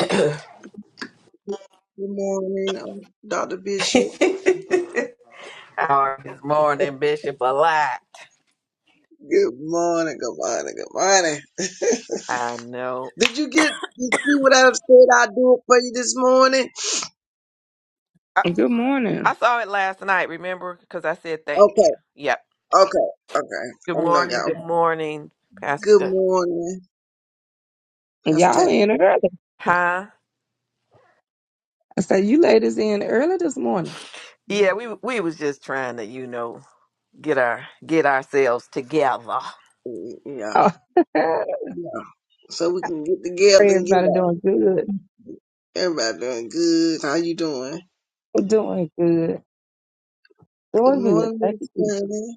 Howard Good morning, um, Dr. Bishop. morning, Bishop a lot. Good morning, good morning, good morning. I know. Did you get you see what I said i do it for you this morning? I, Good I morning. saw it last night, remember? Because I said thank you. Okay, Yep. okay, okay. Good I'm not morning, going. good morning, Pastor. Good uh, morning, Pastor. Y'all in early. Huh? I said, you ladies in early this morning. Yeah, we we was just trying to, you know, get our get ourselves together. Mm-hmm. Yeah, Oh, yeah. So we can get together and get everybody up. doing good. Everybody doing good. How you doing? Doing good. Good Doing good. morning, Thank Miss you, Jesus. Fanny.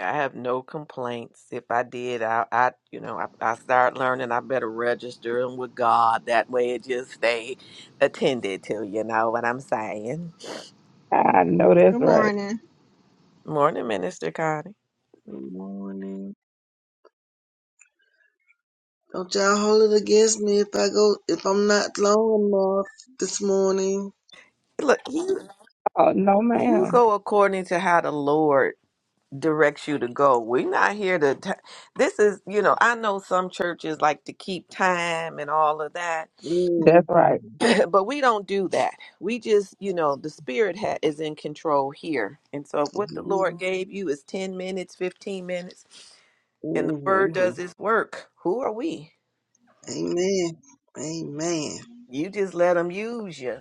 I have no complaints. If I did, I, I you know, I, I start learning. I better register 'em with God. That way, it just stay attended to. You know what I'm saying? I know that's Good right. morning. Morning, Minister Connie. Good morning. Don't y'all hold it against me if I go if I'm not long enough this morning. Look, you, Oh, no, you ma'am. go according to how the Lord directs you to go. We're not here to. T- this is, you know, I know some churches like to keep time and all of that, That's right. Mhm. but we don't do that. We just, you know, the Spirit ha- is in control here. And so if what the Lord Mhm. gave you is 10 minutes, 15 minutes, and the Word does its work. Who are we? Amen. Amen. You just let Him use you.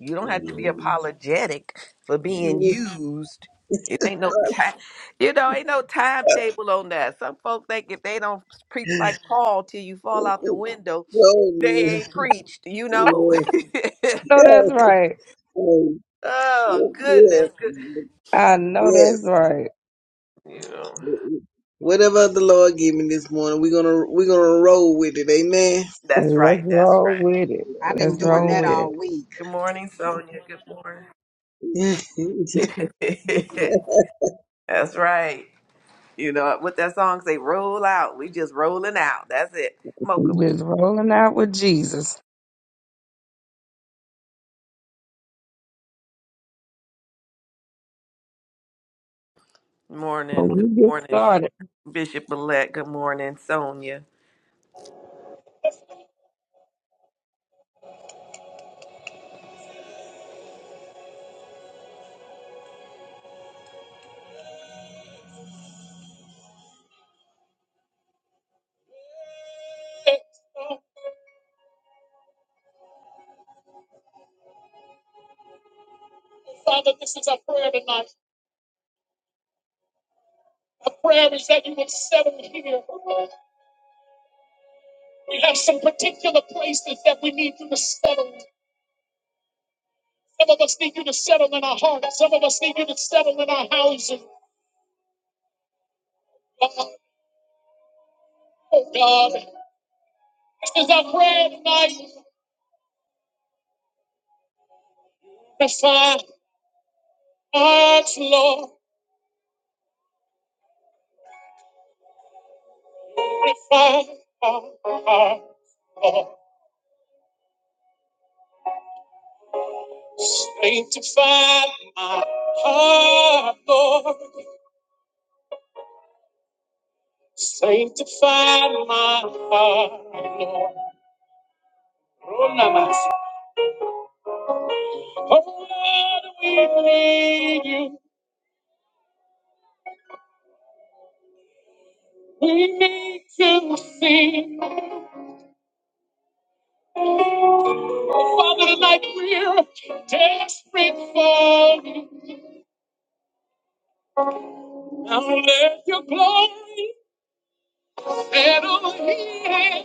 You don't have to be Mhm. apologetic for being used. It ain't no time, you know, ain't no timetable on that. Some folks think if they don't preach like Paul till you fall out the window, Glory, they ain't preached, you know? No, that's right. Lord. oh, goodness. Yes. Good. I know that's Yes. right. You know, Whatever the Lord give me this morning, we're gonna we're gonna roll with it. Amen. that's Let's right. That's roll right. with it. I've Let's been doing roll that with it. all week. Good morning, Sonia. Good morning. that's right. You know what that song say, roll out. We just rolling out. That's it. Mocha, We what you Just rolling out with Jesus. But Morning, good we get morning, started. Bishop Elect. Good morning, Sonia. Father, this is our prayer tonight. Our prayer is that you would settle here. We have some particular places that we need you to settle. Some of us need you to settle in our hearts. Some of us need you to settle in our houses. Oh oh God, this is our prayer tonight. Refine hearts, Lord. Refine our hearts, Lord. Sanctify my heart, Lord. Sanctify my heart, Lord. Oh, Lord, we need you. We need to sing. Oh, Father, tonight we're desperate for you. Now let your glory settle here.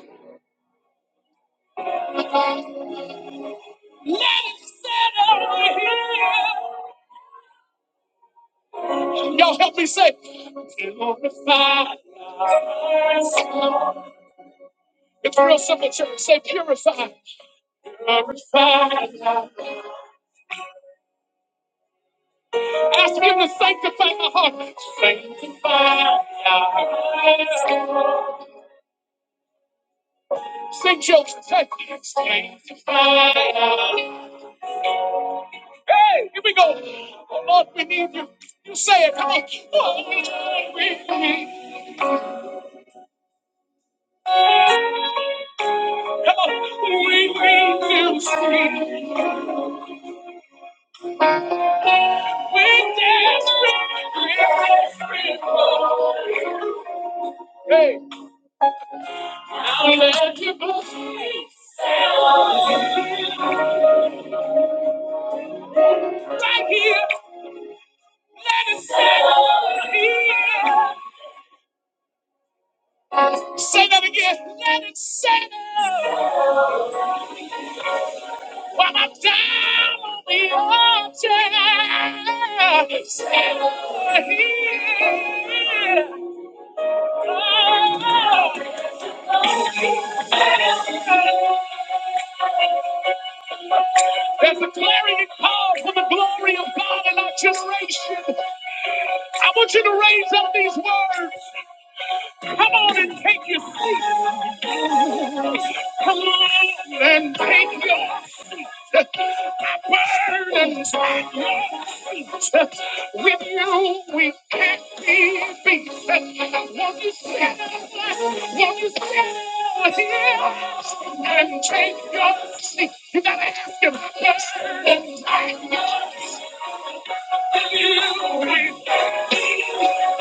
Let it settle here. Y'all help me say, purify us. It's real simple, church. Say, purify. Purify. us. Ask him to sanctify my heart. Sanctify our hearts. Sing jokes tonight. Sanctify our hearts. Hey, here we go. Oh Lord, we need you. You say it. Come on. Oh, Lord, we need you. Come on. We need you. sweet. We're desperate. We're desperate. for you. Hey. now let you, Lord. Right here. Let it settle here. Say that again. Let it settle. While I'm down on the altar. Settle here. Oh, there's a clarion call for the glory of God in our generation. I want you to raise up these words. Come on and take your seat. Come on and take your burdens are yours. With you, we can't be beat. Won't you stand up? Won't you stand here and take your seat? You gotta ask him. Burdens are-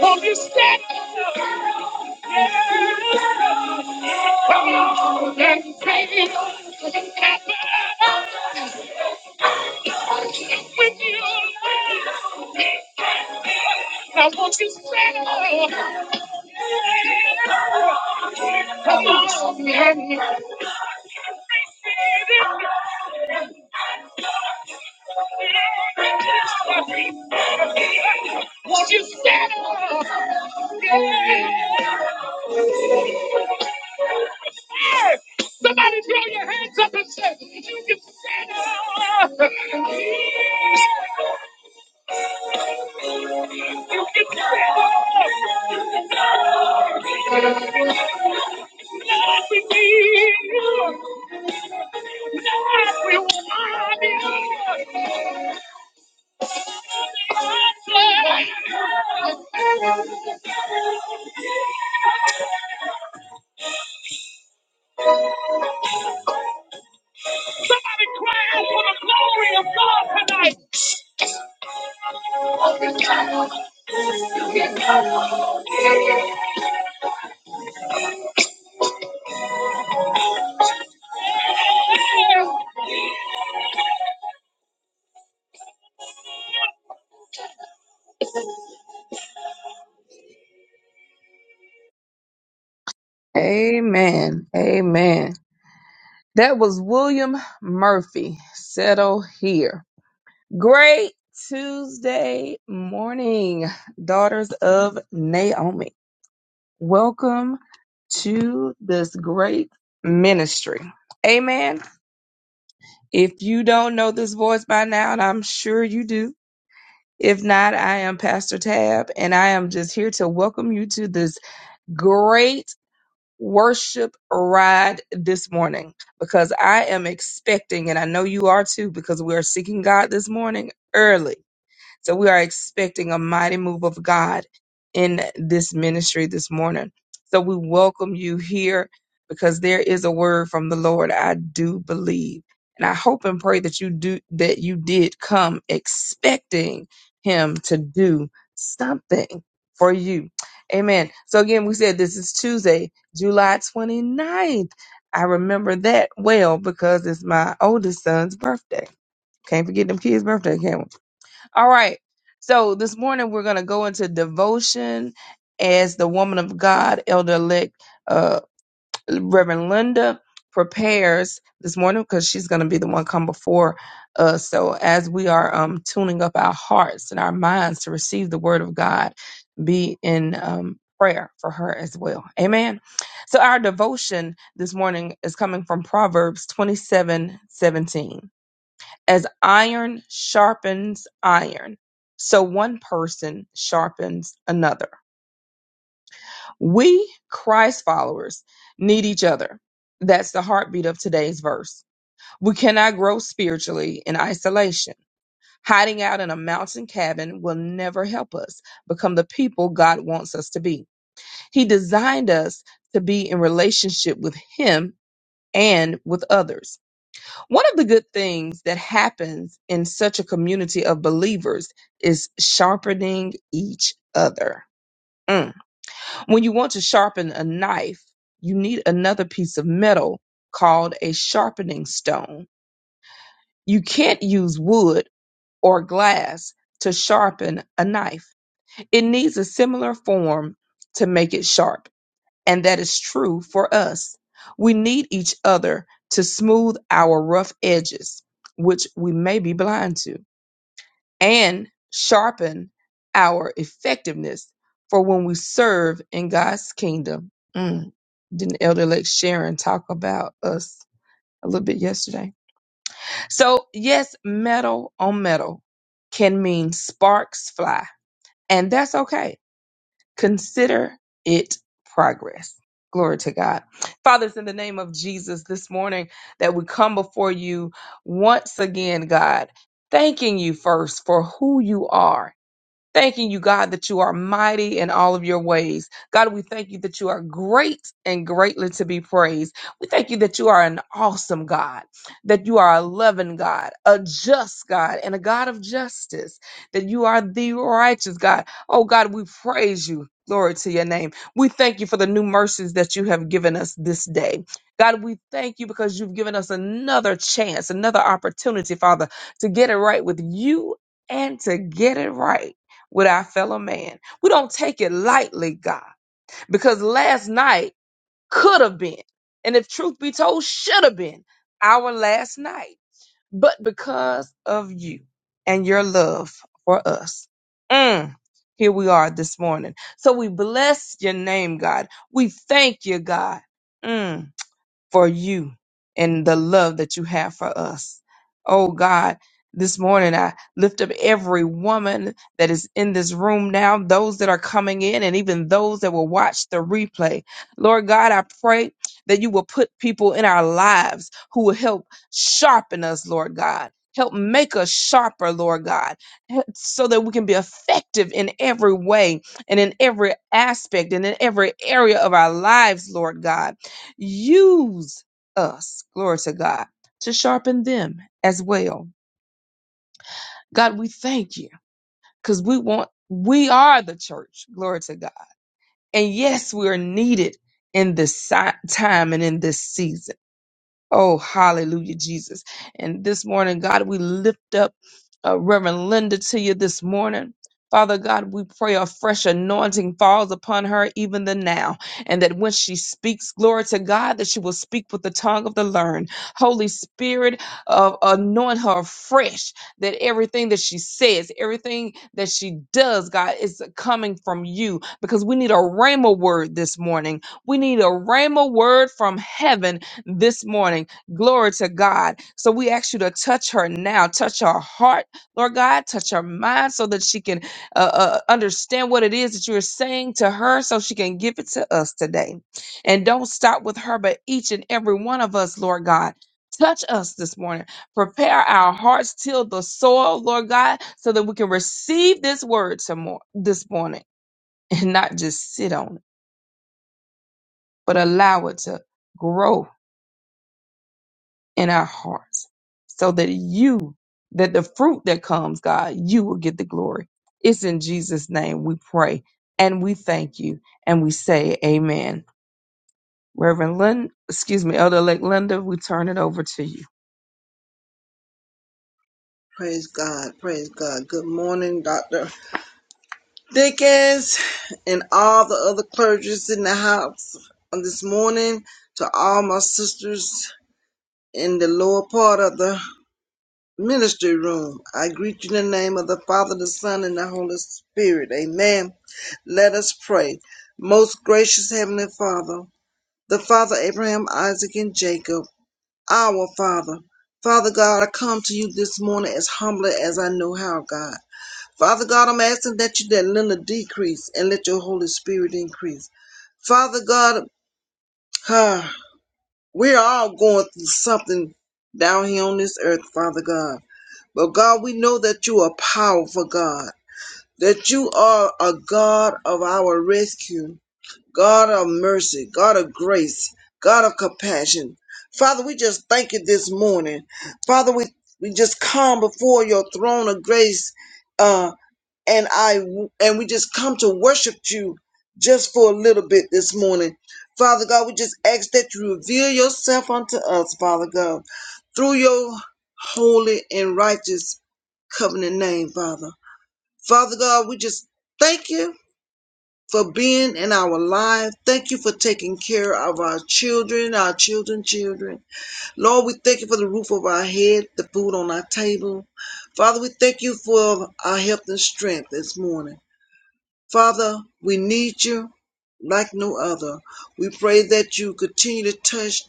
Won't you stand up and take your seat? With you, yes. now won't you stand up? Come on, yeah, yeah. Won't you stand up? Yeah. Somebody throw your hands up and say, You can stand up. You can stand up. Amen. Amen. That was William Murphy. Settle here. Great Tuesday morning, daughters of Naomi. Welcome to this great ministry. Amen. If you don't know this voice by now, and I'm sure you do, if not, I am Pastor Tab, and I am just here to welcome you to this great worship ride this morning because I am expecting, and I know you are too, because we are seeking God this morning early. So we are expecting a mighty move of God in this ministry this morning. So we welcome you here because there is a word from the Lord. I do believe. And I hope and pray that you do that you did come expecting him to do something for you. Amen. So again, we said this is Tuesday, July 29th. I remember that well because it's my oldest son's birthday. Can't forget them kids' birthday, can we? All right. So this morning we're going to go into devotion as the woman of God, Elder Elect uh, Reverend Linda, prepares this morning because she's going to be the one come before us. So as we are um, tuning up our hearts and our minds to receive the word of God, be in um, prayer for her as well. Amen. So our devotion this morning is coming from Proverbs twenty-seven, seventeen. As iron sharpens iron, so one person sharpens another. We, Christ followers, need each other. That's the heartbeat of today's verse. We cannot grow spiritually in isolation. Hiding out in a mountain cabin will never help us become the people God wants us to be. He designed us to be in relationship with Him and with others. One of the good things that happens in such a community of believers is sharpening each other. Mm. When you want to sharpen a knife, you need another piece of metal called a sharpening stone. You can't use wood or glass to sharpen a knife. It needs a similar form to make it sharp and that is true for us. We need each other to smooth our rough edges, which we may be blind to, and sharpen our effectiveness for when we serve in God's kingdom. Mm, didn't Elder Lake Sharon talk about us a little bit yesterday? So, yes, metal on metal can mean sparks fly, and that's okay Consider it progress. Glory to God. Father, it's in the name of Jesus this morning that we come before you once again, God, thanking you first for who you are Thanking you, God, that you are mighty in all of your ways. God, we thank you that you are great and greatly to be praised. We thank you that you are an awesome God, that you are a loving God, a just God, and a God of justice, that you are the righteous God. Oh, God, we praise you. Glory to your name. We thank you for the new mercies that you have given us this day. God, we thank you because you've given us another chance, another opportunity, Father, to get it right with you and to get it right with our fellow man. We don't take it lightly, God, because last night could have been, and if truth be told, should have been our last night. But because of you and your love for us, mm, here we are this morning. So we bless your name, God. We thank you, God. Mm for you and the love that you have for us. Oh God, this morning I lift up every woman that is in this room now, those that are coming in, and even those that will watch the replay. Lord God, I pray that you will put people in our lives who will help sharpen us, Lord God. Help make us sharper, Lord God, so that we can be effective in every way and in every aspect and in every area of our lives, Lord God. Use us, glory to God, to sharpen them as well. God, we thank you because we want, we are the church, glory to God. And yes, we are needed in this si- time and in this season. Oh, hallelujah, Jesus. And this morning, God, we lift up uh, Reverend Linda to you this morning. Father God, we pray a fresh anointing falls upon her even the now, and that when she speaks, glory to God, that she will speak with the tongue of the learned. Holy Spirit, uh, anoint her fresh, that everything that she says, everything that she does, God, is coming from you, because we need a rhema word this morning. We need a rhema word from heaven this morning. Glory to God. So we ask you to touch her now, touch her heart, Lord God, touch her mind so that she can uh, uh, understand what it is that you're saying to her so she can give it to us today. And don't stop with her, but each and every one of us, Lord God. Touch us this morning. Prepare our hearts, till the soil, Lord God, so that we can receive this word some more this morning and not just sit on it, but allow it to grow in our hearts so that you, that the fruit that comes, God, you will get the glory. It's in Jesus' name we pray and we thank you and we say amen. Reverend Lynn, excuse me, Elder Elect Linda, we turn it over to you. Praise God. Praise God. Good morning, Doctor. deacons and all the other clergies in the house on this morning, to all my sisters in the lower part of the ministry room. I greet you in the name of the Father, the Son, and the Holy Spirit. Amen. Let us pray. Most gracious Heavenly Father, the Father Abraham, Isaac, and Jacob, our Father. Father God, I come to you this morning as humbly as I know how, God. Father God, I'm asking that you let Linda decrease and let your Holy Spirit increase. Father God, ah, we're all going through something down here on this earth, Father God. But God, we know that you are powerful, God, that you are a God of our rescue, God of mercy, God of grace, God of compassion. Father, we just thank you this morning. Father, we, we just come before your throne of grace uh, and I and we just come to worship you just for a little bit this morning. Father God, we just ask that you reveal yourself unto us, Father God, through your holy and righteous covenant name, Father. Father God, we just thank you for being in our life. Thank you for taking care of our children, our children, children. Lord, we thank you for the roof of our head, the food on our table. Father, we thank you for our health and strength this morning. Father, we need you like no other. We pray that you continue to touch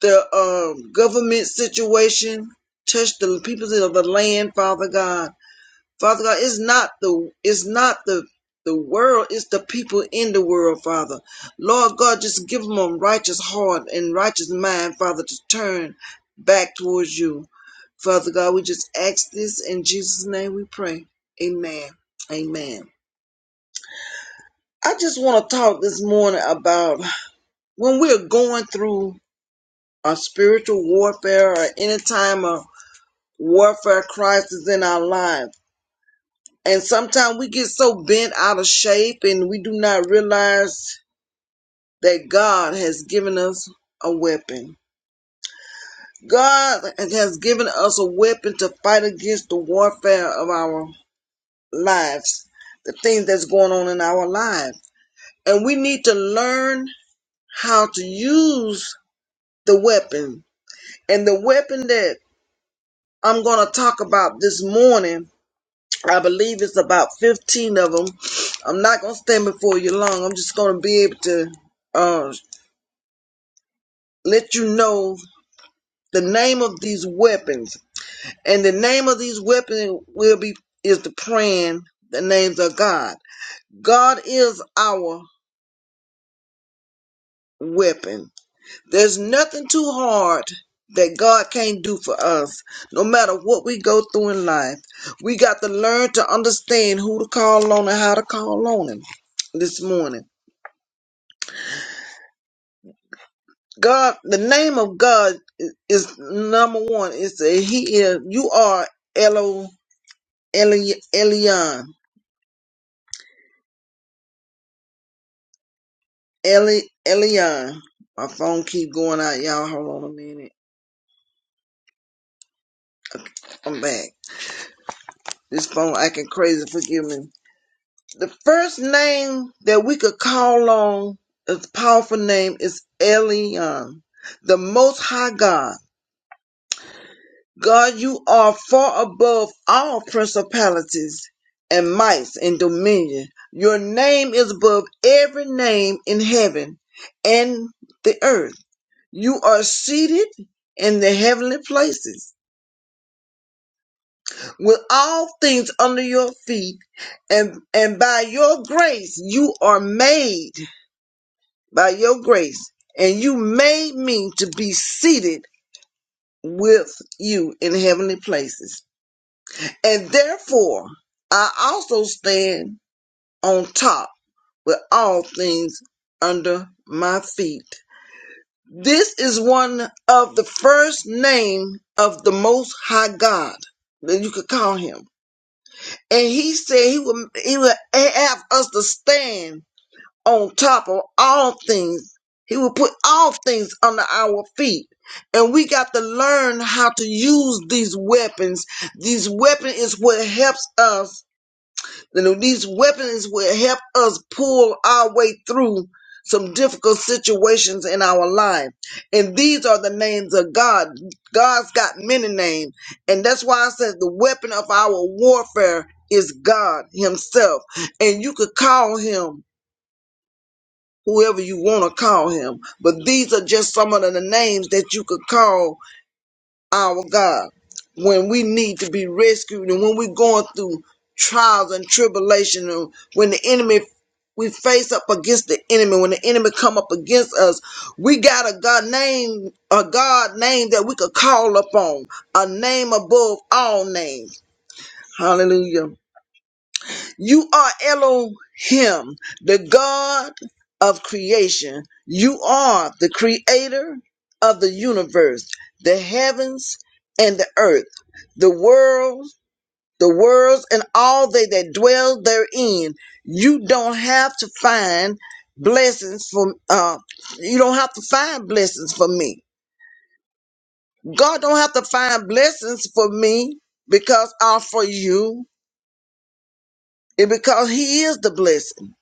the uh, government situation, touch the people of the land, Father God. Father God, it's not the it's not the the world, it's the people in the world, Father. Lord God, just give them a righteous heart and righteous mind, Father, to turn back towards you. Father God, we just ask this in Jesus' name we pray. Amen. Amen. I just want to talk this morning about when we're going through a spiritual warfare or any time of warfare crisis in our life. And sometimes we get so bent out of shape and we do not realize that God has given us a weapon. God has given us a weapon to fight against the warfare of our lives, the things that's going on in our lives. And we need to learn how to use the weapon And the weapon that I'm going to talk about this morning, I believe it's about 15 of them. I'm not going to stand before you long. I'm just going to be able to uh, let you know the name of these weapons. And the name of these weapons will be is the praying the names of God. God is our weapon. There's nothing too hard that God can't do for us, no matter what we go through in life. We got to learn to understand who to call on and how to call on Him this morning. God, the name of God i- is number one. It's that He is, you are Elo, Eli, Elion, Eli, Elion. My phone keep going out, y'all. Hold on a minute. I'm back. This phone acting crazy. Forgive me. The first name that we could call on, this powerful name, is Elion, the Most High God. God, you are far above all principalities and mights and dominion. Your name is above every name in heaven and the earth. You are seated in the heavenly places with all things under your feet and, and by your grace you are made by your grace, and you made me to be seated with you in heavenly places. And therefore, I also stand on top with all things under my feet. This is one of the first name of the Most High God that you could call him. And he said he would, he would have us to stand on top of all things. He will put all things under our feet. And we got to learn how to use these weapons. These weapon is what helps us. You know, these weapons is what help us pull our way through some difficult situations in our life. And these are the names of God. God's got many names. And that's why I said the weapon of our warfare is God Himself. And you could call Him whoever you want to call him. But these are just some of the names that you could call our God when we need to be rescued and when we're going through trials and tribulation and when the enemy we face up against the enemy when the enemy come up against us we got a god name a god name that we could call upon a name above all names hallelujah you are Elohim, the God of creation. You are the creator of the universe, the heavens and the earth, the world, the worlds and all they that dwell therein. You don't have to find blessings from uh you don't have to find blessings for me. God don't have to find blessings for me because I'm for you and because he is the blessing.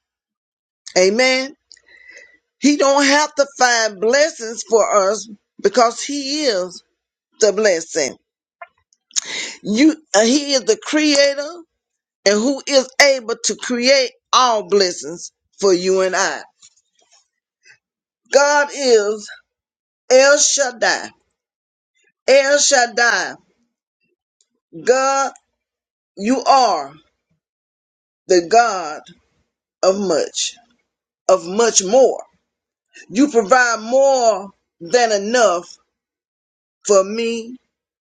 Amen. He don't have to find blessings for us because he is the blessing. You, uh, he is the creator and who is able to create all blessings for you and I. God is El Shaddai. El Shaddai. God, you are the God of much, of much more. You provide more than enough for me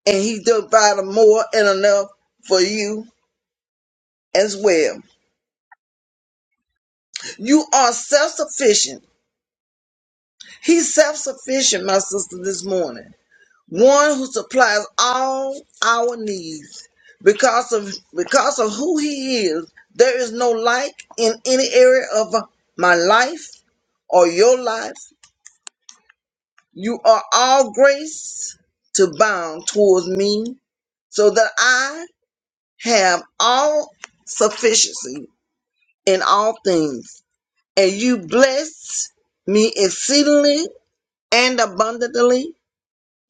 and he provided more and enough for you as well. You are self sufficient. He's self sufficient, my sister, this morning. One who supplies all our needs. Because of because of who he is, there is no like in any area of my life or your life. You are all grace to bound towards me, so that I have all sufficiency in all things. And you bless me exceedingly and abundantly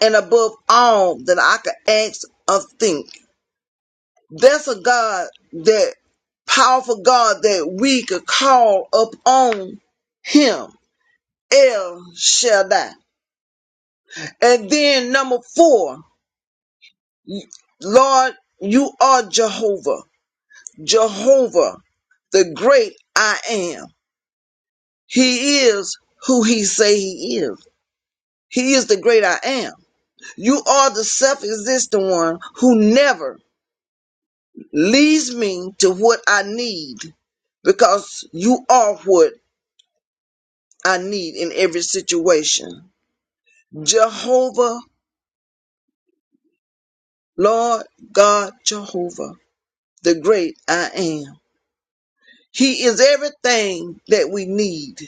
and above all that I could ask or think. That's a God that powerful God that we could call upon him. El Shaddai. And then number four, Lord, you are Jehovah. Jehovah, the great I am. He is who he say he is. He is the great I am. You are the self-existent one who never leads me to what I need because you are what I need in every situation. Jehovah, Lord God, Jehovah, the great I am. He is everything that we need.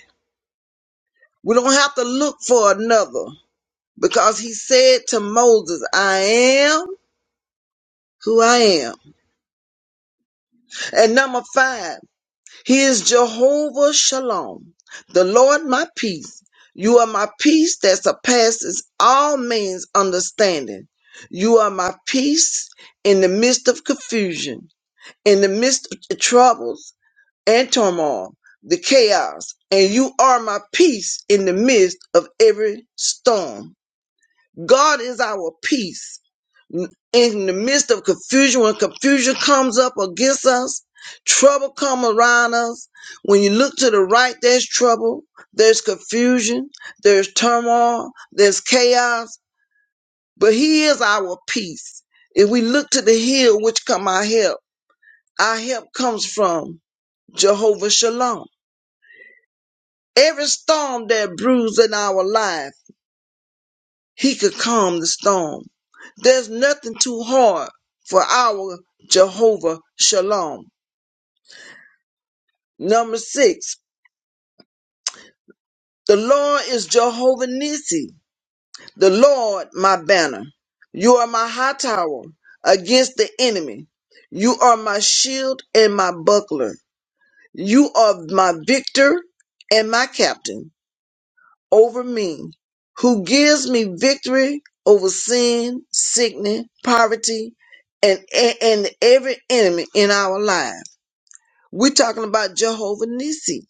We don't have to look for another because he said to Moses, I am who I am. And number five, He is Jehovah Shalom, the Lord my peace. You are my peace that surpasses all man's understanding. You are my peace in the midst of confusion, in the midst of troubles and turmoil, the chaos. And you are my peace in the midst of every storm. God is our peace in the midst of confusion, when confusion comes up against us, trouble come around us. When you look to the right, there's trouble, there's confusion, there's turmoil, there's chaos. But He is our peace. If we look to the hill, which come our help, our help comes from Jehovah Shalom. Every storm that brews in our life, He could calm the storm. There's nothing too hard for our Jehovah Shalom. Number six, the Lord is Jehovah Nissi, the Lord my banner. You are my high tower against the enemy. You are my shield and my buckler. You are my victor and my captain over me, who gives me victory over sin, sickness, poverty, and, and, every enemy in our life. We're talking about Jehovah Nissi.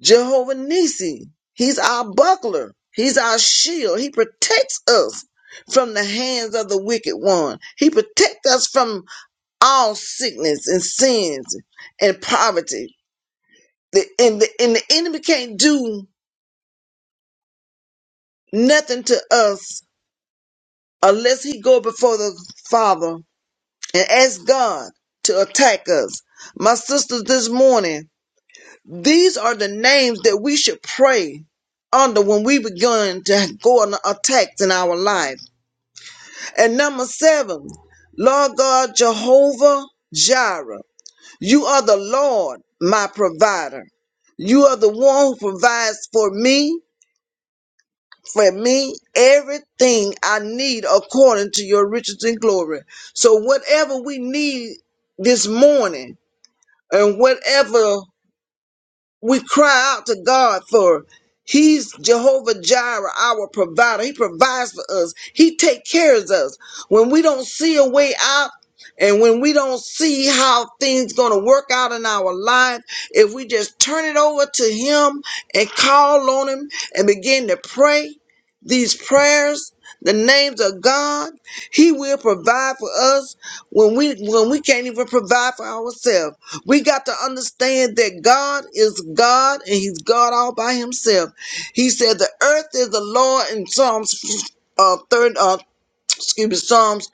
Jehovah Nisi. He's our buckler. He's our shield. He protects us from the hands of the wicked one. He protects us from all sickness and sins and poverty. The, and, the, and the enemy can't do nothing to us unless he go before the Father and ask God to attack us. My sisters, this morning, These are the names that we should pray under when we begin to go on attacks in our life. And number seven, Lord God Jehovah Jireh, you are the Lord, my provider. You are the one who provides for me, for me, everything I need according to your riches and glory. So whatever we need this morning and whatever we cry out to God for He's Jehovah Jireh, our provider. He provides for us. He take care of us. When we don't see a way out and when we don't see how things going to work out in our life, if we just turn it over to him and call on him and begin to pray these prayers, the names of God, he will provide for us when we when we can't even provide for ourselves. We got to understand that God is God and He's God all by Himself. He said, The earth is the Lord in Psalms uh, third uh, excuse me, Psalms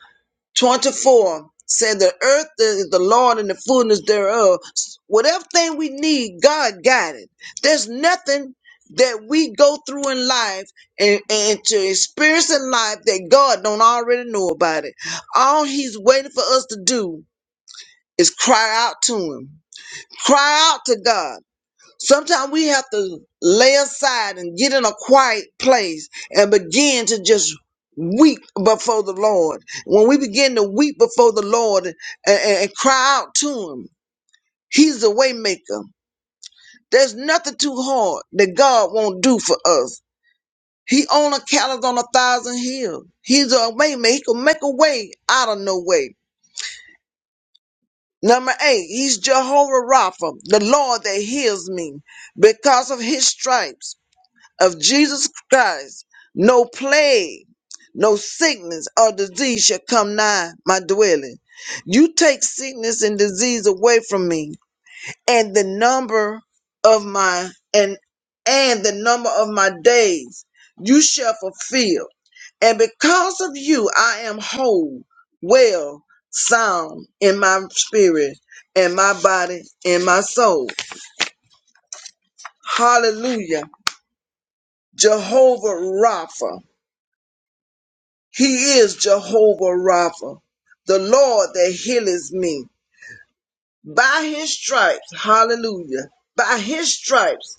24 said the earth is the Lord and the fullness thereof. Whatever thing we need, God got it. There's nothing that we go through in life and, and to experience in life that God don't already know about it. All he's waiting for us to do is cry out to him Cry out to God. Sometimes we have to lay aside and get in a quiet place and begin to just weep before the Lord. When we begin to weep before the Lord and, and- and cry out to Him, He's the way maker. There's nothing too hard that God won't do for us. He owns a cattle on a thousand hills. He's a way maker. He can make a way out of no way. Number eight, he's Jehovah Rapha, the Lord that heals me because of his stripes. of Jesus Christ, no plague, no sickness or disease shall come nigh my dwelling. You take sickness and disease away from me, and the number of my and and the number of my days you shall fulfill. And because of you, I am whole, well, sound in my spirit, and my body, and my soul. Hallelujah. Jehovah Rapha. He is Jehovah Rapha, the Lord that healeth me. By his stripes, hallelujah, by his stripes,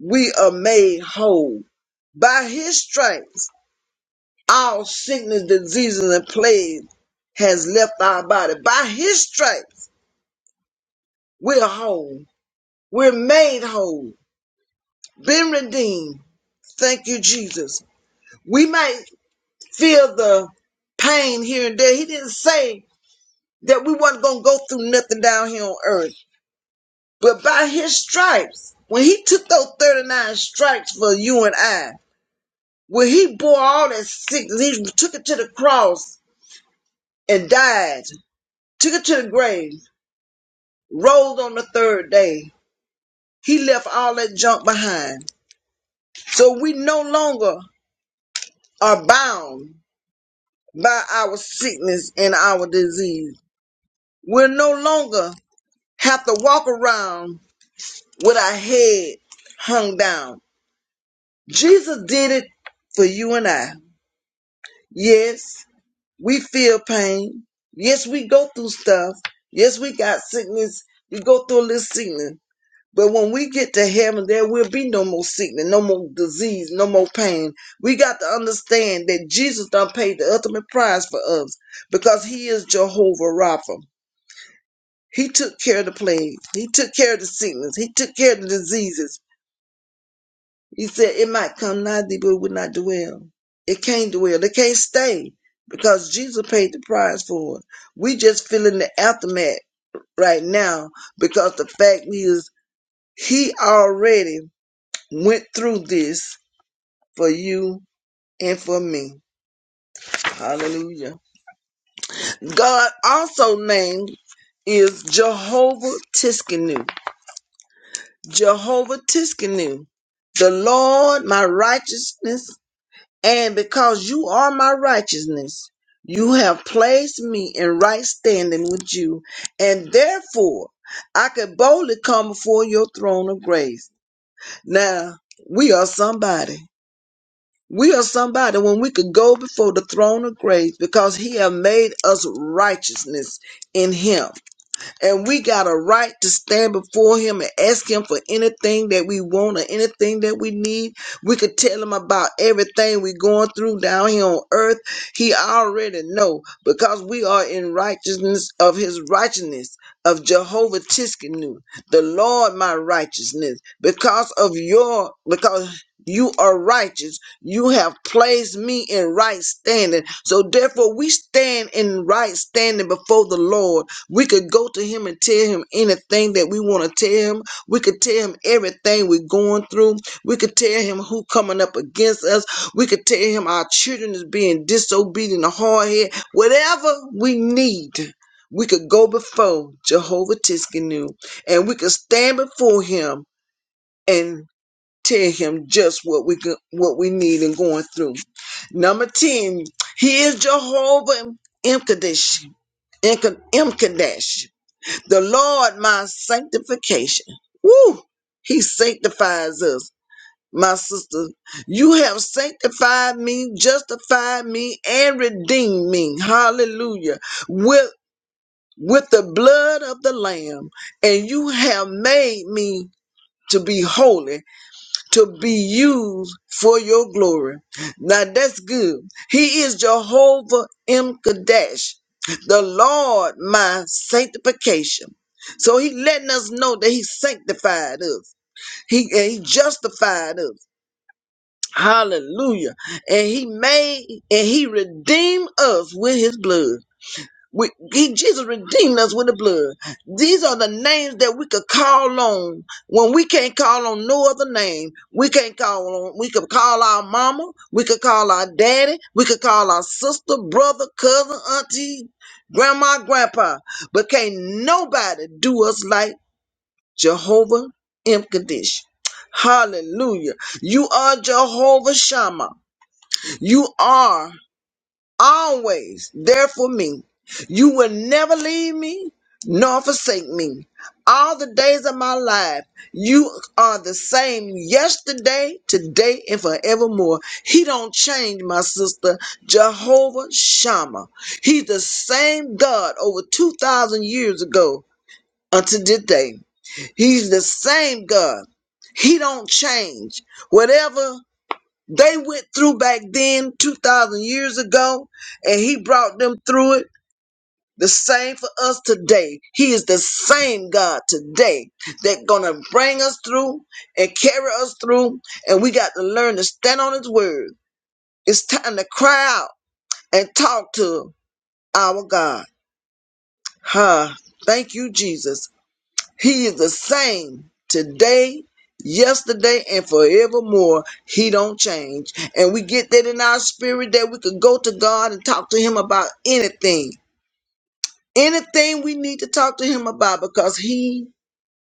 we are made whole. By his stripes, all sickness, diseases, and plagues has left our body. By his stripes, we're whole. We're made whole, been redeemed. Thank you, Jesus. We might feel the pain here and there. He didn't say that we was not going to go through nothing down here on earth. But by his stripes, when he took those 39 stripes for you and I, when he bore all that sickness, he took it to the cross and died, took it to the grave, rose on the third day. He left all that junk behind. So we no longer are bound by our sickness and our disease. We no longer have to walk around with our head hung down Jesus did it for you and I. Yes, we feel pain. Yes, we go through stuff. Yes, we got sickness. We go through a little sickness. But when we get to heaven, there will be no more sickness, no more disease, no more pain. We got to understand that Jesus done paid the ultimate price for us because he is Jehovah Rapha. He took care of the plague. He took care of the sickness. He took care of the diseases. He said, It might come nigh thee, but it would not dwell. It can't dwell. It can't stay because Jesus paid the price for it. We just feeling the aftermath right now because the fact is, He already went through this for you and for me. Hallelujah. God also named is Jehovah Tiskenu. Jehovah Tiskenu, the Lord my righteousness And because you are my righteousness, you have placed me in right standing with you, and therefore I could boldly come before your throne of grace. Now, we are somebody. We are somebody when we could go before the throne of grace because he have made us righteousness in him. And we got a right to stand before him and ask him for anything that we want or anything that we need. We could tell him about everything we're going through down here on earth. He already know because we are in righteousness of his righteousness of Jehovah Tiskenu, the Lord my righteousness. Because of your because you are righteous. You have placed me in right standing. So therefore we stand in right standing before the Lord we could go to him and tell him anything that we want to tell him. We could tell him everything we're going through. We could tell him who coming up against us. We could tell him our children is being disobedient or hard head. Whatever we need, we could go before Jehovah Tiskenu and we could stand before him and tell him just what we could, what we need and going through. Number 10, he is Jehovah Imkadesh. The Lord, my sanctification. Woo! He sanctifies us. My sister, you have sanctified me, justified me, and redeemed me. Hallelujah. With with the blood of the Lamb, and you have made me to be holy to be used for your glory. Now that's good. He is Jehovah M. Kadesh, the Lord my sanctification. So he letting us know that he sanctified us. He, and he justified us. Hallelujah. And he made and he redeemed us with his blood. We, he, Jesus redeemed us with the blood. These are the names that we could call on when we can't call on no other name. We can't call on, we could call our mama, we could call our daddy, we could call our sister, brother, cousin, auntie, grandma, grandpa, but can't nobody do us like Jehovah in condition. Hallelujah. You are Jehovah Shammah. You are always there for me. You will never leave me nor forsake me. All the days of my life, you are the same yesterday, today, and forevermore. He don't change, my sister. Jehovah Shammah. He's the same God over 2,000 years ago until today. He's the same God. He don't change. Whatever they went through back then, 2,000 years ago, and He brought them through it. The same for us today. He is the same God today that gonna bring us through and carry us through. And we got to learn to stand on His word. It's time to cry out and talk to our God. Huh. Thank you, Jesus. He is the same today, yesterday, and forevermore. He don't change. And we get that in our spirit that we could go to God and talk to him about anything. Anything we need to talk to him about because he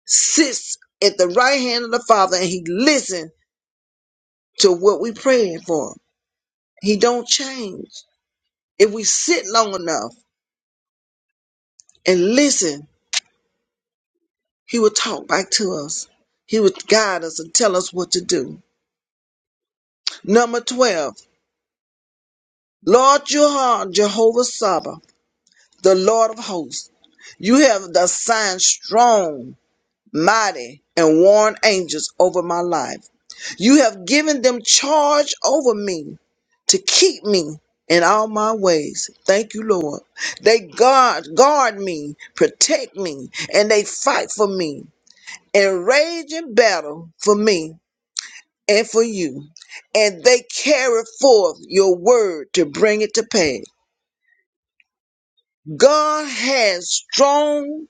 sits at the right hand of the Father and he listens to what we praying for. He don't change. If we sit long enough and listen, he will talk back to us. He will guide us and tell us what to do. Number 12. Lord, you are Jehovah Sabbath, the Lord of hosts. You have assigned strong, mighty, and warring angels over my life. You have given them charge over me to keep me in all my ways. Thank you, Lord. They guard, guard me, protect me, and they fight for me and rage in battle for me and for you. And they carry forth your word to bring it to pass. God has strong,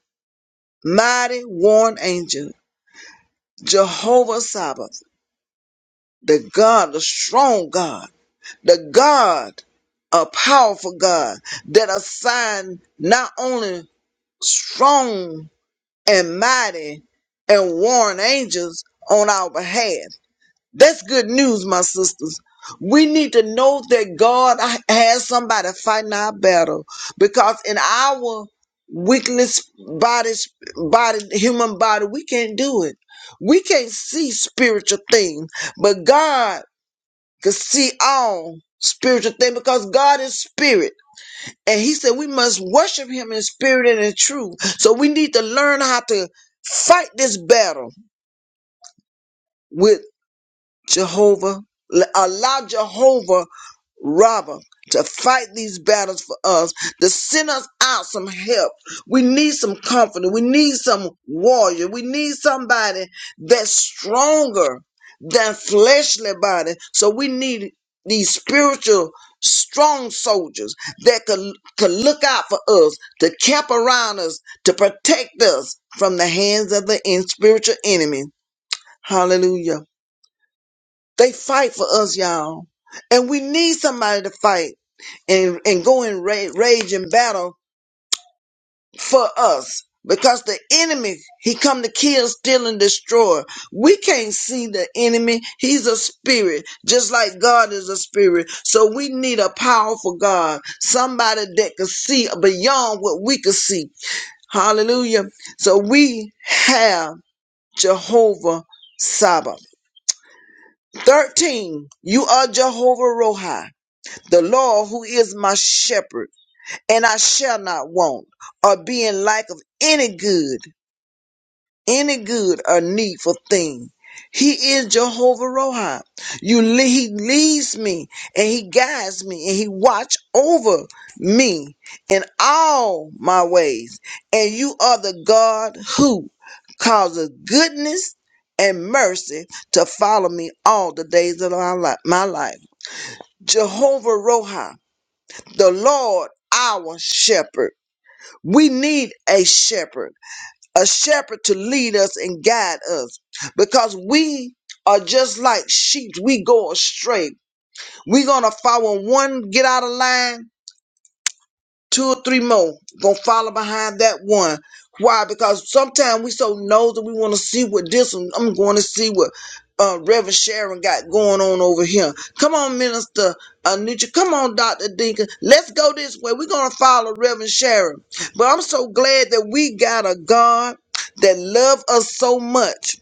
mighty warring angel, Jehovah Sabbath, the God, the strong God, the God, a powerful God that assigned not only strong and mighty and warring angels on our behalf. That's good news, my sisters. We need to know that God has somebody fighting our battle because in our weakless body, body, human body, we can't do it. We can't see spiritual things, but God can see all spiritual things because God is spirit. And he said we must worship him in spirit and in truth. So we need to learn how to fight this battle with. Jehovah, allow Jehovah Rabbah to fight these battles for us, to send us out some help. We need some comforter. We need some warrior. We need somebody that's stronger than fleshly body. So we need these spiritual strong soldiers that could, could look out for us, to camp around us, to protect us from the hands of the in, spiritual enemy. Hallelujah. They fight for us, y'all. And we need somebody to fight and, and go in ra- rage and battle for us. Because the enemy, he come to kill, steal, and destroy. We can't see the enemy. He's a spirit, just like God is a spirit. So we need a powerful God, somebody that can see beyond what we can see. Hallelujah. So we have Jehovah Sabbath. 13. You are Jehovah Rohi. The Lord, who is my shepherd, and I shall not want, or be in lack of any good, any good or needful thing. He is Jehovah Rohi. You, le- he leads me, and he guides me, and he watch over me in all my ways. And you are the God who causes goodness and mercy to follow me all the days of my li- my life. Jehovah Rohi the Lord our shepherd. We need a shepherd, a shepherd to lead us and guide us because we are just like sheep. We go astray. We're going to follow one, get out of line two or three more gonna follow behind that one. Why? Because sometimes we so nosy we want to see what this one. I'm going to see what uh, Reverend Sharon got going on over here. Come on, Minister Anitra. Come on, Doctor Deacon. Let's go this way. We're gonna follow Reverend Sharon. But I'm so glad that we got a God that loves us so much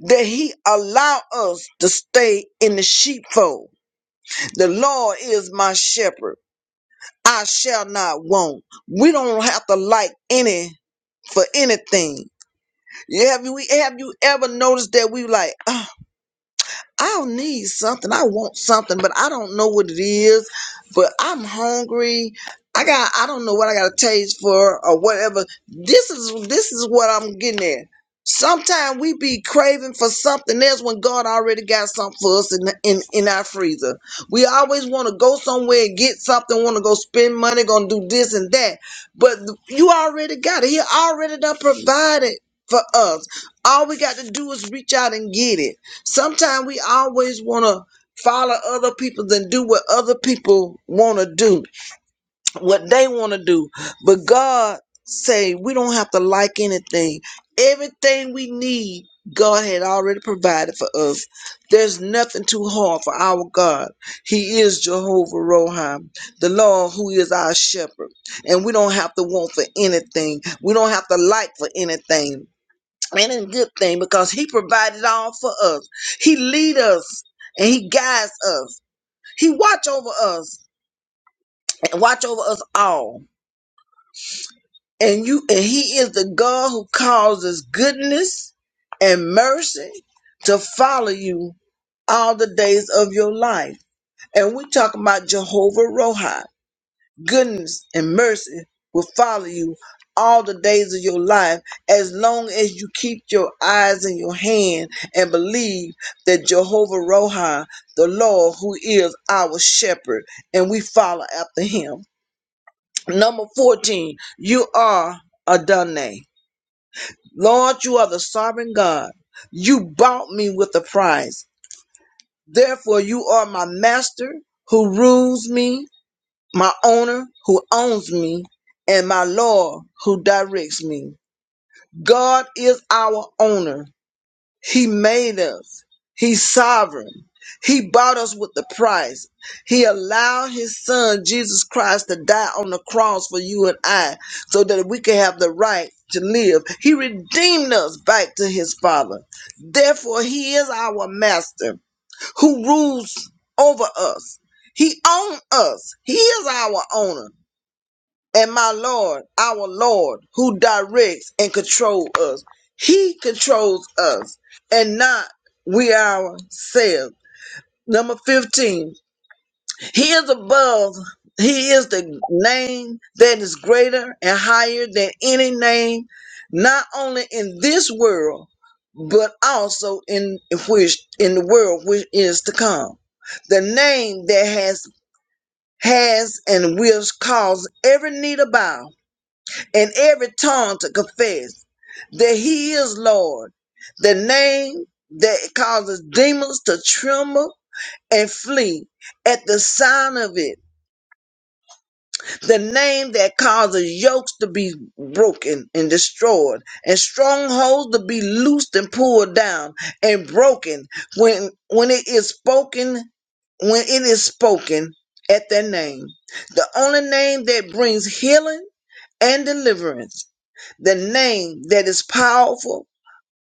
that He allow us to stay in the sheepfold. The Lord is my shepherd. I shall not want. We don't have to like any for anything. You- Have you have you ever noticed that we like? "Ah, I'll need something. I want something, but I don't know what it is. But I'm hungry. I got I don't know what I got a taste for or whatever. This is this is what I'm getting at. Sometimes we be craving for something else when God already got something for us in in, in our freezer. We always want to go somewhere and get something, want to go spend money, gonna do this and that. But you already got it. He already done provided for us. All we got to do is reach out and get it. Sometimes we always want to follow other people and do what other people want to do, what they want to do. But God say we don't have to like anything. Everything we need, God had already provided for us. There's nothing too hard for our God. He is Jehovah Roham, the Lord who is our shepherd. And we don't have to want for anything. We don't have to like for anything and a good thing because he provided all for us. He lead us and he guides us. He watch over us and watch over us all. And you and he is the God who causes goodness and mercy to follow you all the days of your life. And we talk about Jehovah Rohi. goodness and mercy will follow you all the days of your life as long as you keep your eyes in your hand and believe that Jehovah Roha, the Lord who is our shepherd, and we follow after him. Number 14, you are Adonai. Lord, you are the sovereign God. You bought me with a price. Therefore, you are my master who rules me my owner who owns me, and my Lord who directs me. God is our owner. He made us, He's sovereign. He bought us with the price. He allowed His Son, Jesus Christ, to die on the cross for you and I so that we can have the right to live. He redeemed us back to His Father. Therefore, He is our Master who rules over us. He owns us. He is our owner and my Lord, our Lord, who directs and controls us. He controls us and not we ourselves. Number 15, He is above, He is the name that is greater and higher than any name, not only in this world, but also in which in the world which is to come. The name that has has and will cause every knee to bow and every tongue to confess that he is Lord, the name that causes demons to tremble and flee at the sign of it, the name that causes yokes to be broken and destroyed, and strongholds to be loosed and pulled down and broken when when it is spoken, when it is spoken at their name. The only name that brings healing and deliverance the name that is powerful,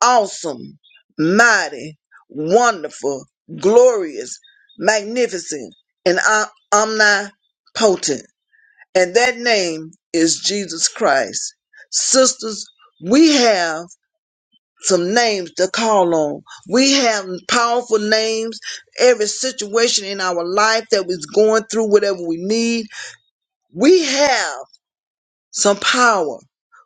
awesome, mighty, wonderful, glorious, magnificent, and om- omnipotent. And that name is Jesus Christ. Sisters, we have some names to call on. We have powerful names. Every situation in our life that we're going through, whatever we need, we have some power.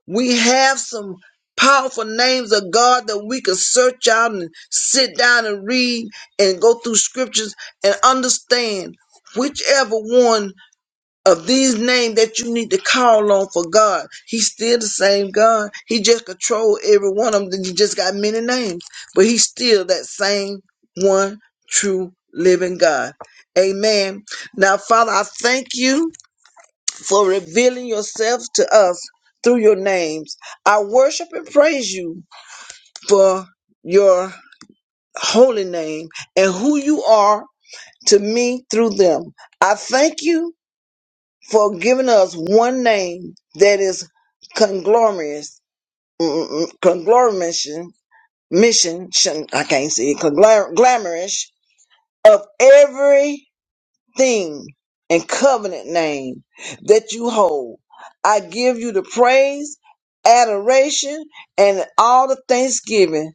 We have some powerful names of God that we can search out and sit down and read and go through scriptures and understand whichever one of these names that you need to call on for God. He's still the same God. He just control every one of them. He just got many names, but he's still that same one true living God. Amen. Now, Father, I thank you for revealing yourself to us through your names. I worship and praise you for your holy name and who you are to me through them. I thank you for giving us one name that is conglomerous, conglomeration, mission, shun- I can't say it, conglom- glamorous of every thing and covenant name that you hold. I give you the praise, adoration, and all the thanksgiving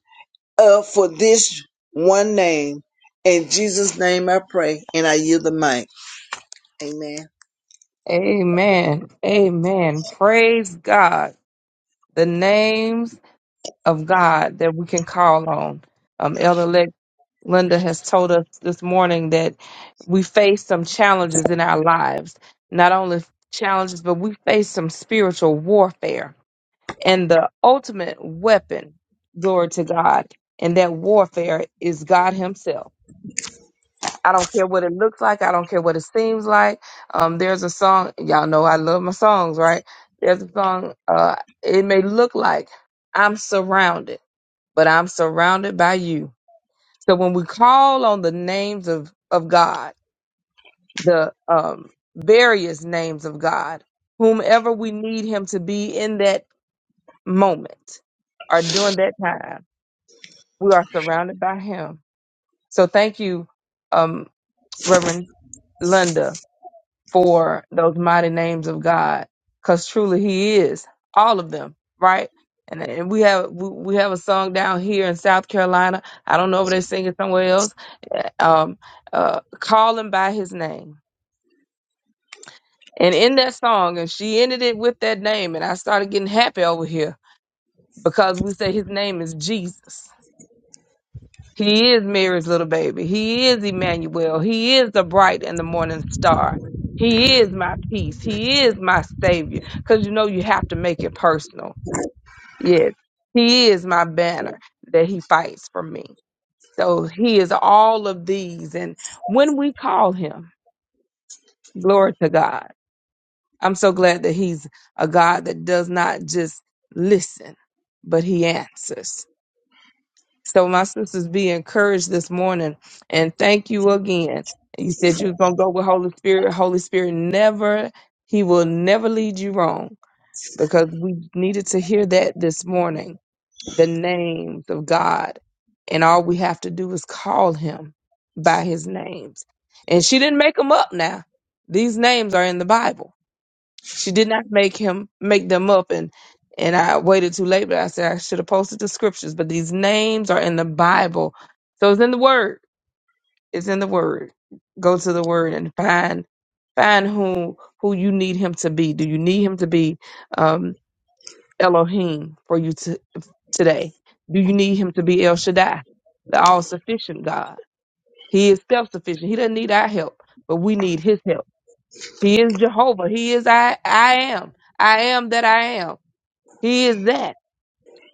uh, for this one name. In Jesus' name I pray, and I yield the mic. Amen. Amen. Amen. Praise God. The names of God that we can call on. Um, Elder Lex Linda has told us this morning that we face some challenges in our lives, not only challenges, but we face some spiritual warfare. And the ultimate weapon, glory to God, and that warfare is God Himself. I don't care what it looks like. I don't care what it seems like. Um, there's a song, y'all know I love my songs, right? There's a song, uh, it may look like I'm surrounded but I'm surrounded by you. So when we call on the names of, of God, the um, various names of God, whomever we need him to be in that moment or during that time, we are surrounded by him. So thank you, um, Reverend Linda for those mighty names of God, because truly He is all of them, right? And, and we have we we have a song down here in South Carolina. I don't know if they sing it somewhere else. eh, Um, uh, call him by his name, and in that song, and she ended it with that name, and I started getting happy over here because we say his name is Jesus. He is Mary's little baby. He is Emmanuel. He is the bright and the morning star. He is my peace. He is my savior. Because you know you have to make it personal. Yes. He is my banner that he fights for me. So he is all of these. And when we call him, glory to God. I'm so glad that he's a God that does not just listen, but he answers. So my sisters be encouraged this morning and thank you again. You said you was gonna go with Holy Spirit. Holy Spirit never he will never lead you wrong because we needed to hear that this morning. The names of God. And all we have to do is call him by his names. And she didn't make them up now. These names are in the Bible. She did not make him make them up and and I waited too late, but I said I should have posted the scriptures. But these names are in the Bible. So it's in the word. It's in the word. Go to the word and find find who who you need him to be. Do you need him to be um Elohim for you to today? Do you need him to be El Shaddai, the all sufficient God? He is self sufficient. He doesn't need our help, but we need his help. He is Jehovah. He is I, I am. I am that I am. He is that.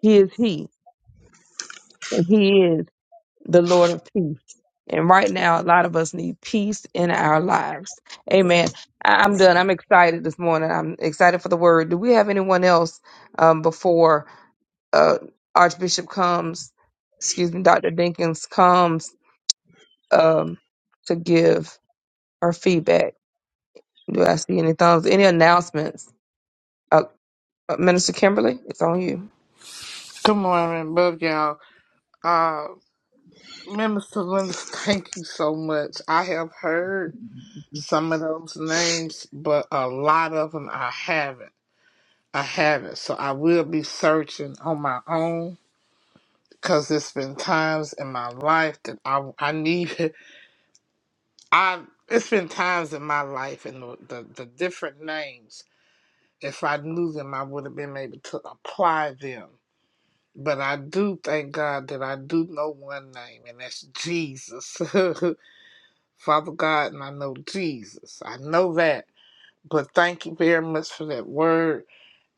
He is He. And He is the Lord of peace. And right now, a lot of us need peace in our lives. Amen. I- I'm done. I'm excited this morning. I'm excited for the word. Do we have anyone else um, before uh, Archbishop comes, excuse me, Dr. Dinkins comes um, to give her feedback? Do I see any thumbs? Any announcements? uh, Uh, Minister Kimberly, it's on you. Good morning, love y'all. Uh, Minister Linda, thank you so much. I have heard some of those names, but a lot of them I haven't. I haven't. So I will be searching on my own because there's been times in my life that I I need. I it's been times in my life and the the, the different names. If I knew them, I would have been able to apply them. But I do thank God that I do know one name, and that's Jesus. Father God, and I know Jesus. I know that. But thank you very much for that word,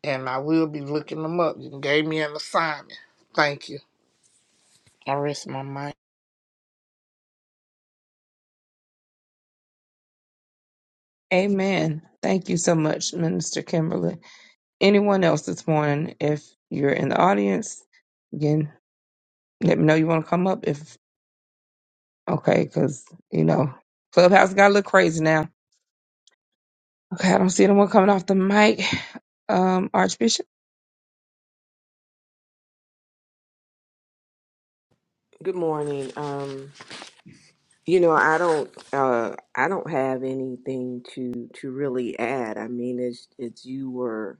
and I will be looking them up. You gave me an assignment. Thank you. I rest my mind. Amen. Thank you so much, Minister Kimberly. Anyone else this morning, if you're in the audience, again, let me know you want to come up. If okay, because you know, Clubhouse got a little crazy now. Okay, I don't see anyone coming off the mic. Um, Archbishop. Good morning. Um, you know, I don't, uh, I don't have anything to to really add. I mean, it's it's you were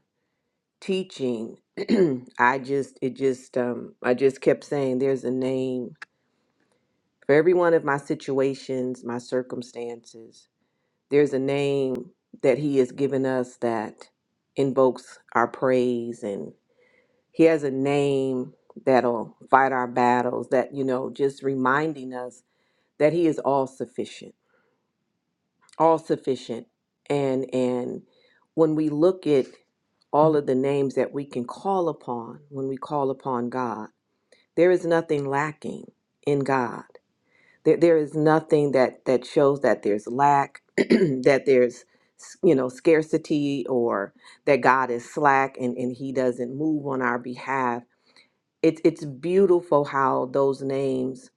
teaching. I just, it just, um, I just kept saying, there's a name for every one of my situations, my circumstances. There's a name that He has given us that invokes our praise and. He has a name that'll fight our battles, that, you know, just reminding us that He is all sufficient, all sufficient. And, and when we look at all of the names that we can call upon when we call upon God, there is nothing lacking in God. There, there is nothing that, that shows that there's lack, that there's, you know, scarcity or that God is slack and, and he doesn't move on our behalf it's it's beautiful how those names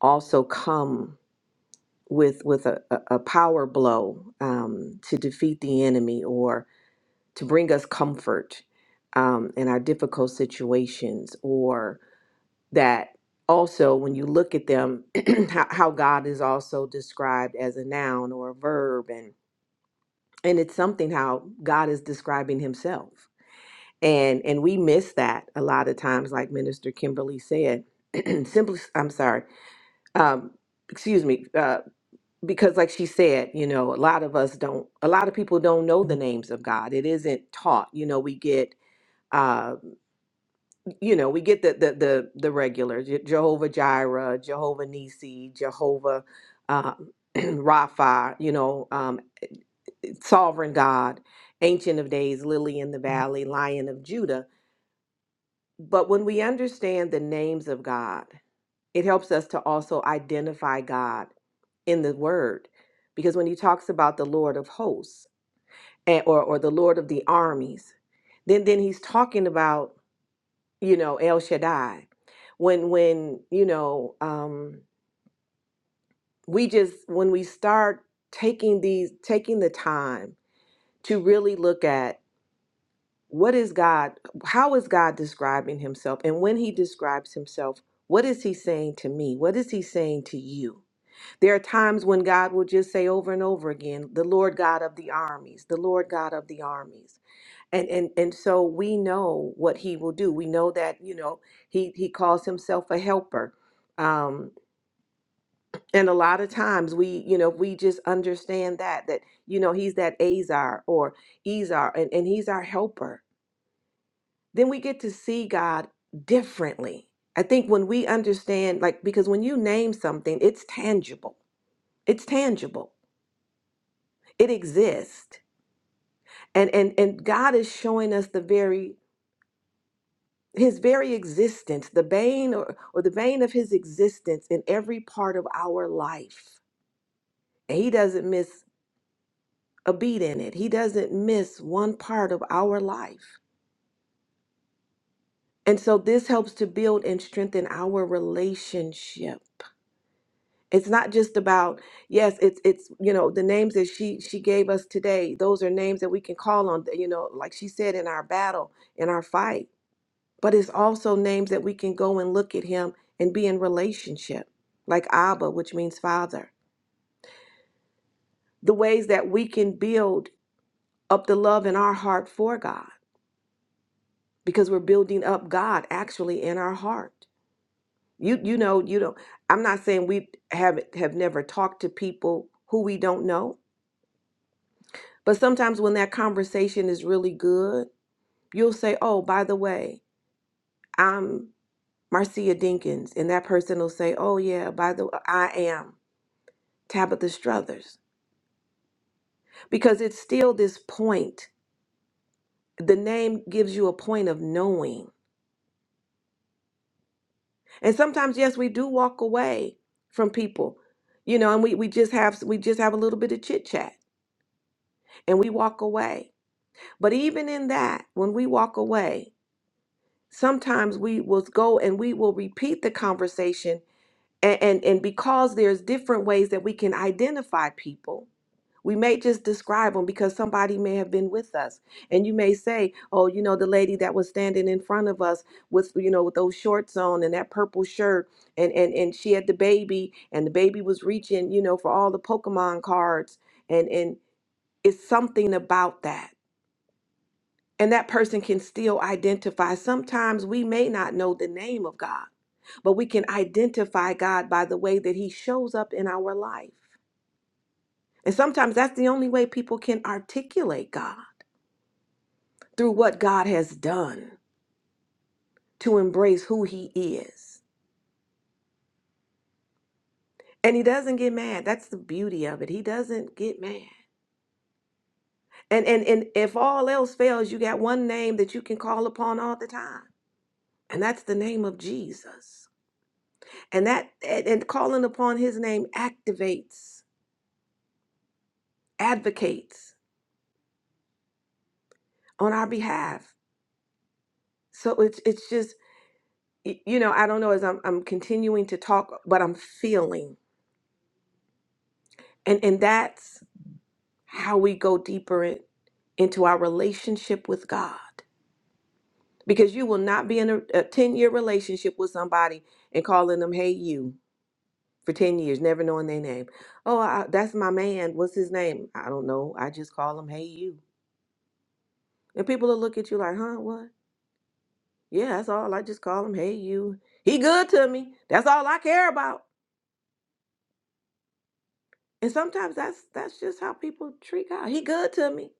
also come with with a, a a power blow um, to defeat the enemy or to bring us comfort um, in our difficult situations or that also when you look at them how, how god is also described as a noun or a verb and and it's something how god is describing himself and and we miss that a lot of times like minister kimberly said simply i'm sorry um excuse me uh because like she said you know a lot of us don't a lot of people don't know the names of god it isn't taught you know we get uh you know we get the the the, the regular Je- jehovah jireh jehovah nisi jehovah um rapha you know um sovereign god ancient of days lily in the valley lion of judah but when we understand the names of god it helps us to also identify god in the word because when he talks about the lord of hosts and, or, or the lord of the armies then then he's talking about you know el shaddai when when you know um we just when we start taking these taking the time to really look at what is god how is god describing himself and when he describes himself what is he saying to me what is he saying to you There are times when God will just say over and over again, the Lord God of the armies, the Lord God of the armies. And and and so we know what he will do. We know that, you know, he he calls himself a helper. Um and a lot of times we, you know, we just understand that that you know, he's that Azar or Ezar and and he's our helper. Then we get to see God differently. I think when we understand like because when you name something, it's tangible. It's tangible it exists and and and god is showing us the very his very existence the vein or, or the vein of his existence in every part of our life and he doesn't miss a beat in it he doesn't miss one part of our life and so this helps to build and strengthen our relationship it's not just about yes it's it's you know the names that she she gave us today those are names that we can call on you know like she said in our battle in our fight but it's also names that we can go and look at him and be in relationship, like Abba, which means Father. The ways that we can build up the love in our heart for God, because we're building up God actually in our heart. You you know you don't. I'm not saying we have have never talked to people who we don't know, but sometimes when that conversation is really good, you'll say, "Oh, by the way, I'm Marcia Dinkins," and that person will say, "Oh yeah, by the I am." Tabitha Struthers, because it's still this point. The name gives you a point of knowing. And sometimes, yes, we do walk away from people, you know, and we, we just have we just have a little bit of chit chat and we walk away. But even in that, when we walk away, sometimes we will go and we will repeat the conversation and, and, and because there's different ways that we can identify people We may just describe them because somebody may have been with us. And you may say, oh, you know, the lady that was standing in front of us with, you know, with those shorts on and that purple shirt and and and she had the baby and the baby was reaching, you know, for all the Pokemon cards and and it's something about that. And that person can still identify. Sometimes we may not know the name of God but we can identify God by the way that He shows up in our life. And sometimes that's the only way people can articulate God. through what God has done to embrace who he is. And he doesn't get mad. That's the beauty of it. He doesn't get mad. And and and if all else fails, you got one name that you can call upon all the time. And that's the name of Jesus. And that and, and calling upon his name activates, advocates on our behalf. So it's it's just y- you know, I don't know as I'm I'm continuing to talk, but I'm feeling. And and that's how we go deeper in, into our relationship with God. Because you will not be in a, a 10 year relationship with somebody and calling them, hey, you, for 10 years, never knowing their name. Oh, I, that's my man. What's his name? I don't know. I just call him, hey, you. And people will look at you like, huh, what? Yeah, that's all. I just call him, hey, you. He good to me. That's all I care about. And sometimes that's that's just how people treat God. He good to me.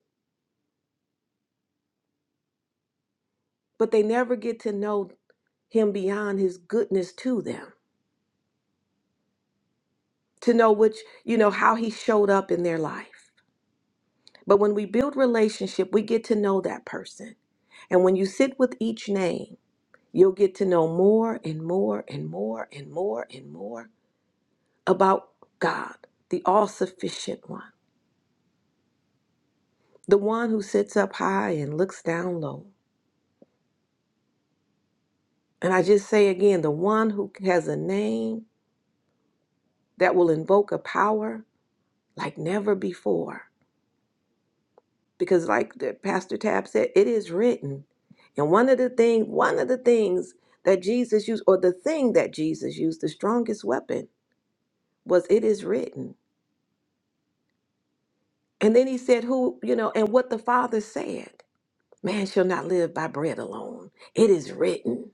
But they never get to know him beyond his goodness to them to know which, you know, how he showed up in their life. But when we build relationship, we get to know that person. And when you sit with each name, you'll get to know more and more and more and more and more about God, the all sufficient one, the one who sits up high and looks down low. And I just say again, the one who has a name that will invoke a power like never before. because like the pastor tab said it is written and one of the thing one of the things that jesus used or the thing that jesus used the strongest weapon was it is written and then he said who you know and what the father said man shall not live by bread alone it is written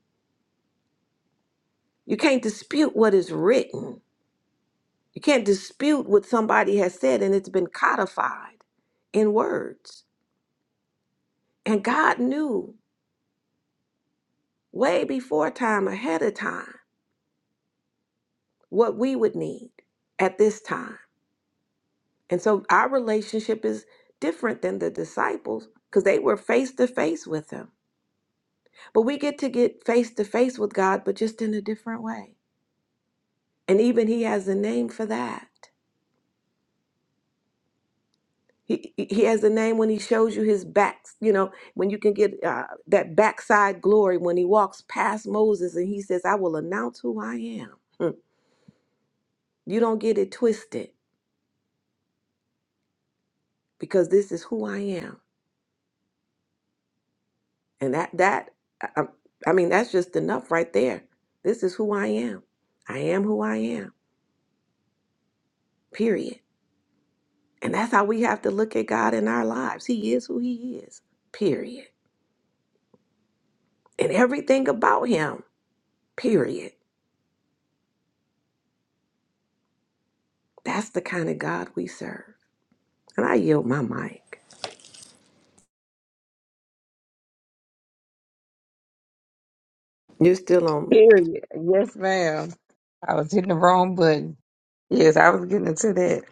you can't dispute what is written you can't dispute what somebody has said and it's been codified in words and god knew way before time ahead of time what we would need at this time. And so our relationship is different than the disciples because they were face to face with him. But we get to get face to face with God, but just in a different way. And even he has a name for that. He, he he has a name when he shows you his back, you know, when you can get uh, that backside glory when he walks past Moses and he says, I will announce who I am. Hmm. You don't get it twisted because this is who I am. And that that I, I mean that's just enough right there. This is who I am. I am who I am. Period. And that's how we have to look at God in our lives. He is who he is. Period. And everything about him. Period. That's the kind of God we serve. And I yield my mic. You're still on Period. Yes, ma'am. I was hitting the wrong button. Yes, I was getting into that.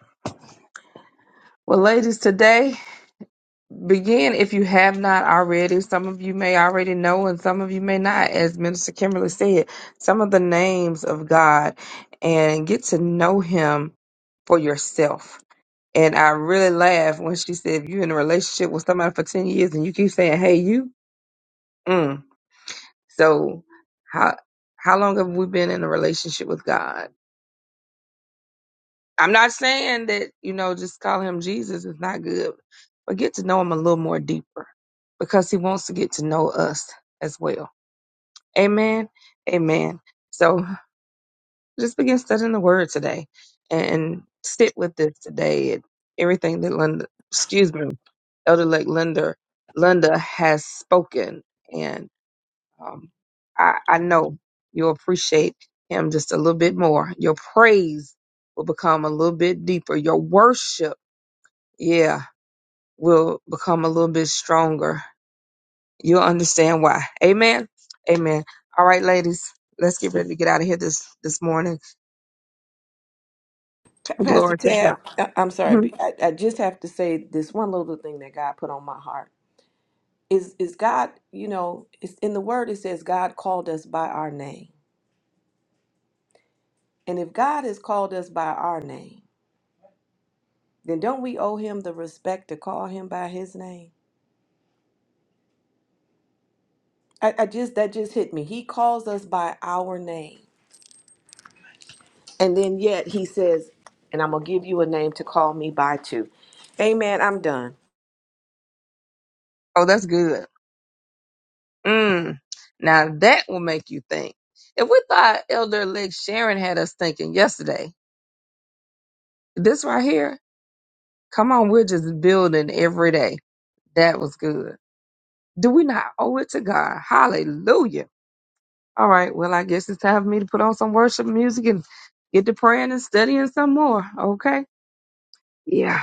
Well, ladies, today Begin if you have not already. Some of you may already know, and some of you may not. As Minister Kimberly said, some of the names of God and get to know Him for yourself. And I really laughed when she said, if you're in a relationship with somebody for 10 years and you keep saying, hey, you, mm. so how, how long have we been in a relationship with God? I'm not saying that, you know, just call him Jesus is not good, but get to know him a little more deeper because he wants to get to know us as well. Amen. Amen. So just begin studying the word today and sit with this today and everything that Linda, excuse me, Elder Lake Linda, Linda has spoken. And um, I, I know you'll appreciate him just a little bit more. Your praise will become a little bit deeper. Your worship yeah, will become a little bit stronger. You'll understand why. Amen. Amen. All right, ladies, let's get ready to get out of here this this morning. Pa- Pastor Glory to God. Tab. I- I'm sorry. Mhm. but I, I just have to say this one little thing that God put on my heart is is God. You know, it's in the Word. It says God called us by our name And if God has called us by our name, then don't we owe him the respect to call him by his name? I, I just that just hit me. He calls us by our name. And then yet he says, and I'm gonna give you a name to call me by too. Amen. I'm done. Oh, that's good. Mm. Now that will make you think. If we thought Elder Elect Sharon had us thinking yesterday, this right here, come on, we're just building every day. That was good. Do we not owe it to God? Hallelujah All right. Well, I guess it's time for me to put on some worship music and get to praying and studying some more. Okay. Yeah.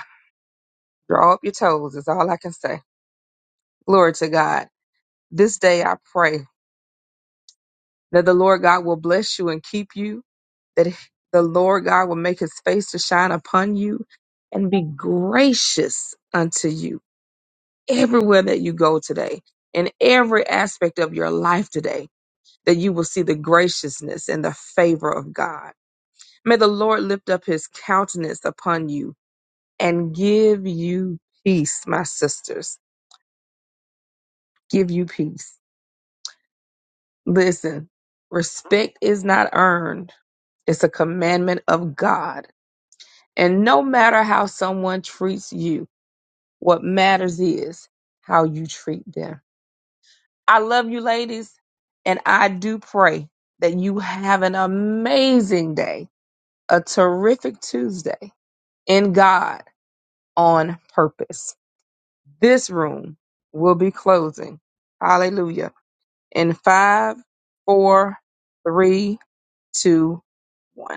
Draw up your toes is all I can say. Glory to God. This day I pray that the Lord God will bless you and keep you, that the Lord God will make his face to shine upon you and be gracious unto you everywhere that you go today, in every aspect of your life today, that you will see the graciousness and the favor of God May the Lord lift up his countenance upon you and give you peace, my sisters. Give you peace. Listen, respect is not earned, it's a commandment of God. And no matter how someone treats you, what matters is how you treat them. I love you, ladies, and I do pray that you have an amazing day, a terrific Tuesday in God on purpose. This room will be closing. Hallelujah. In five, four, three, two, one.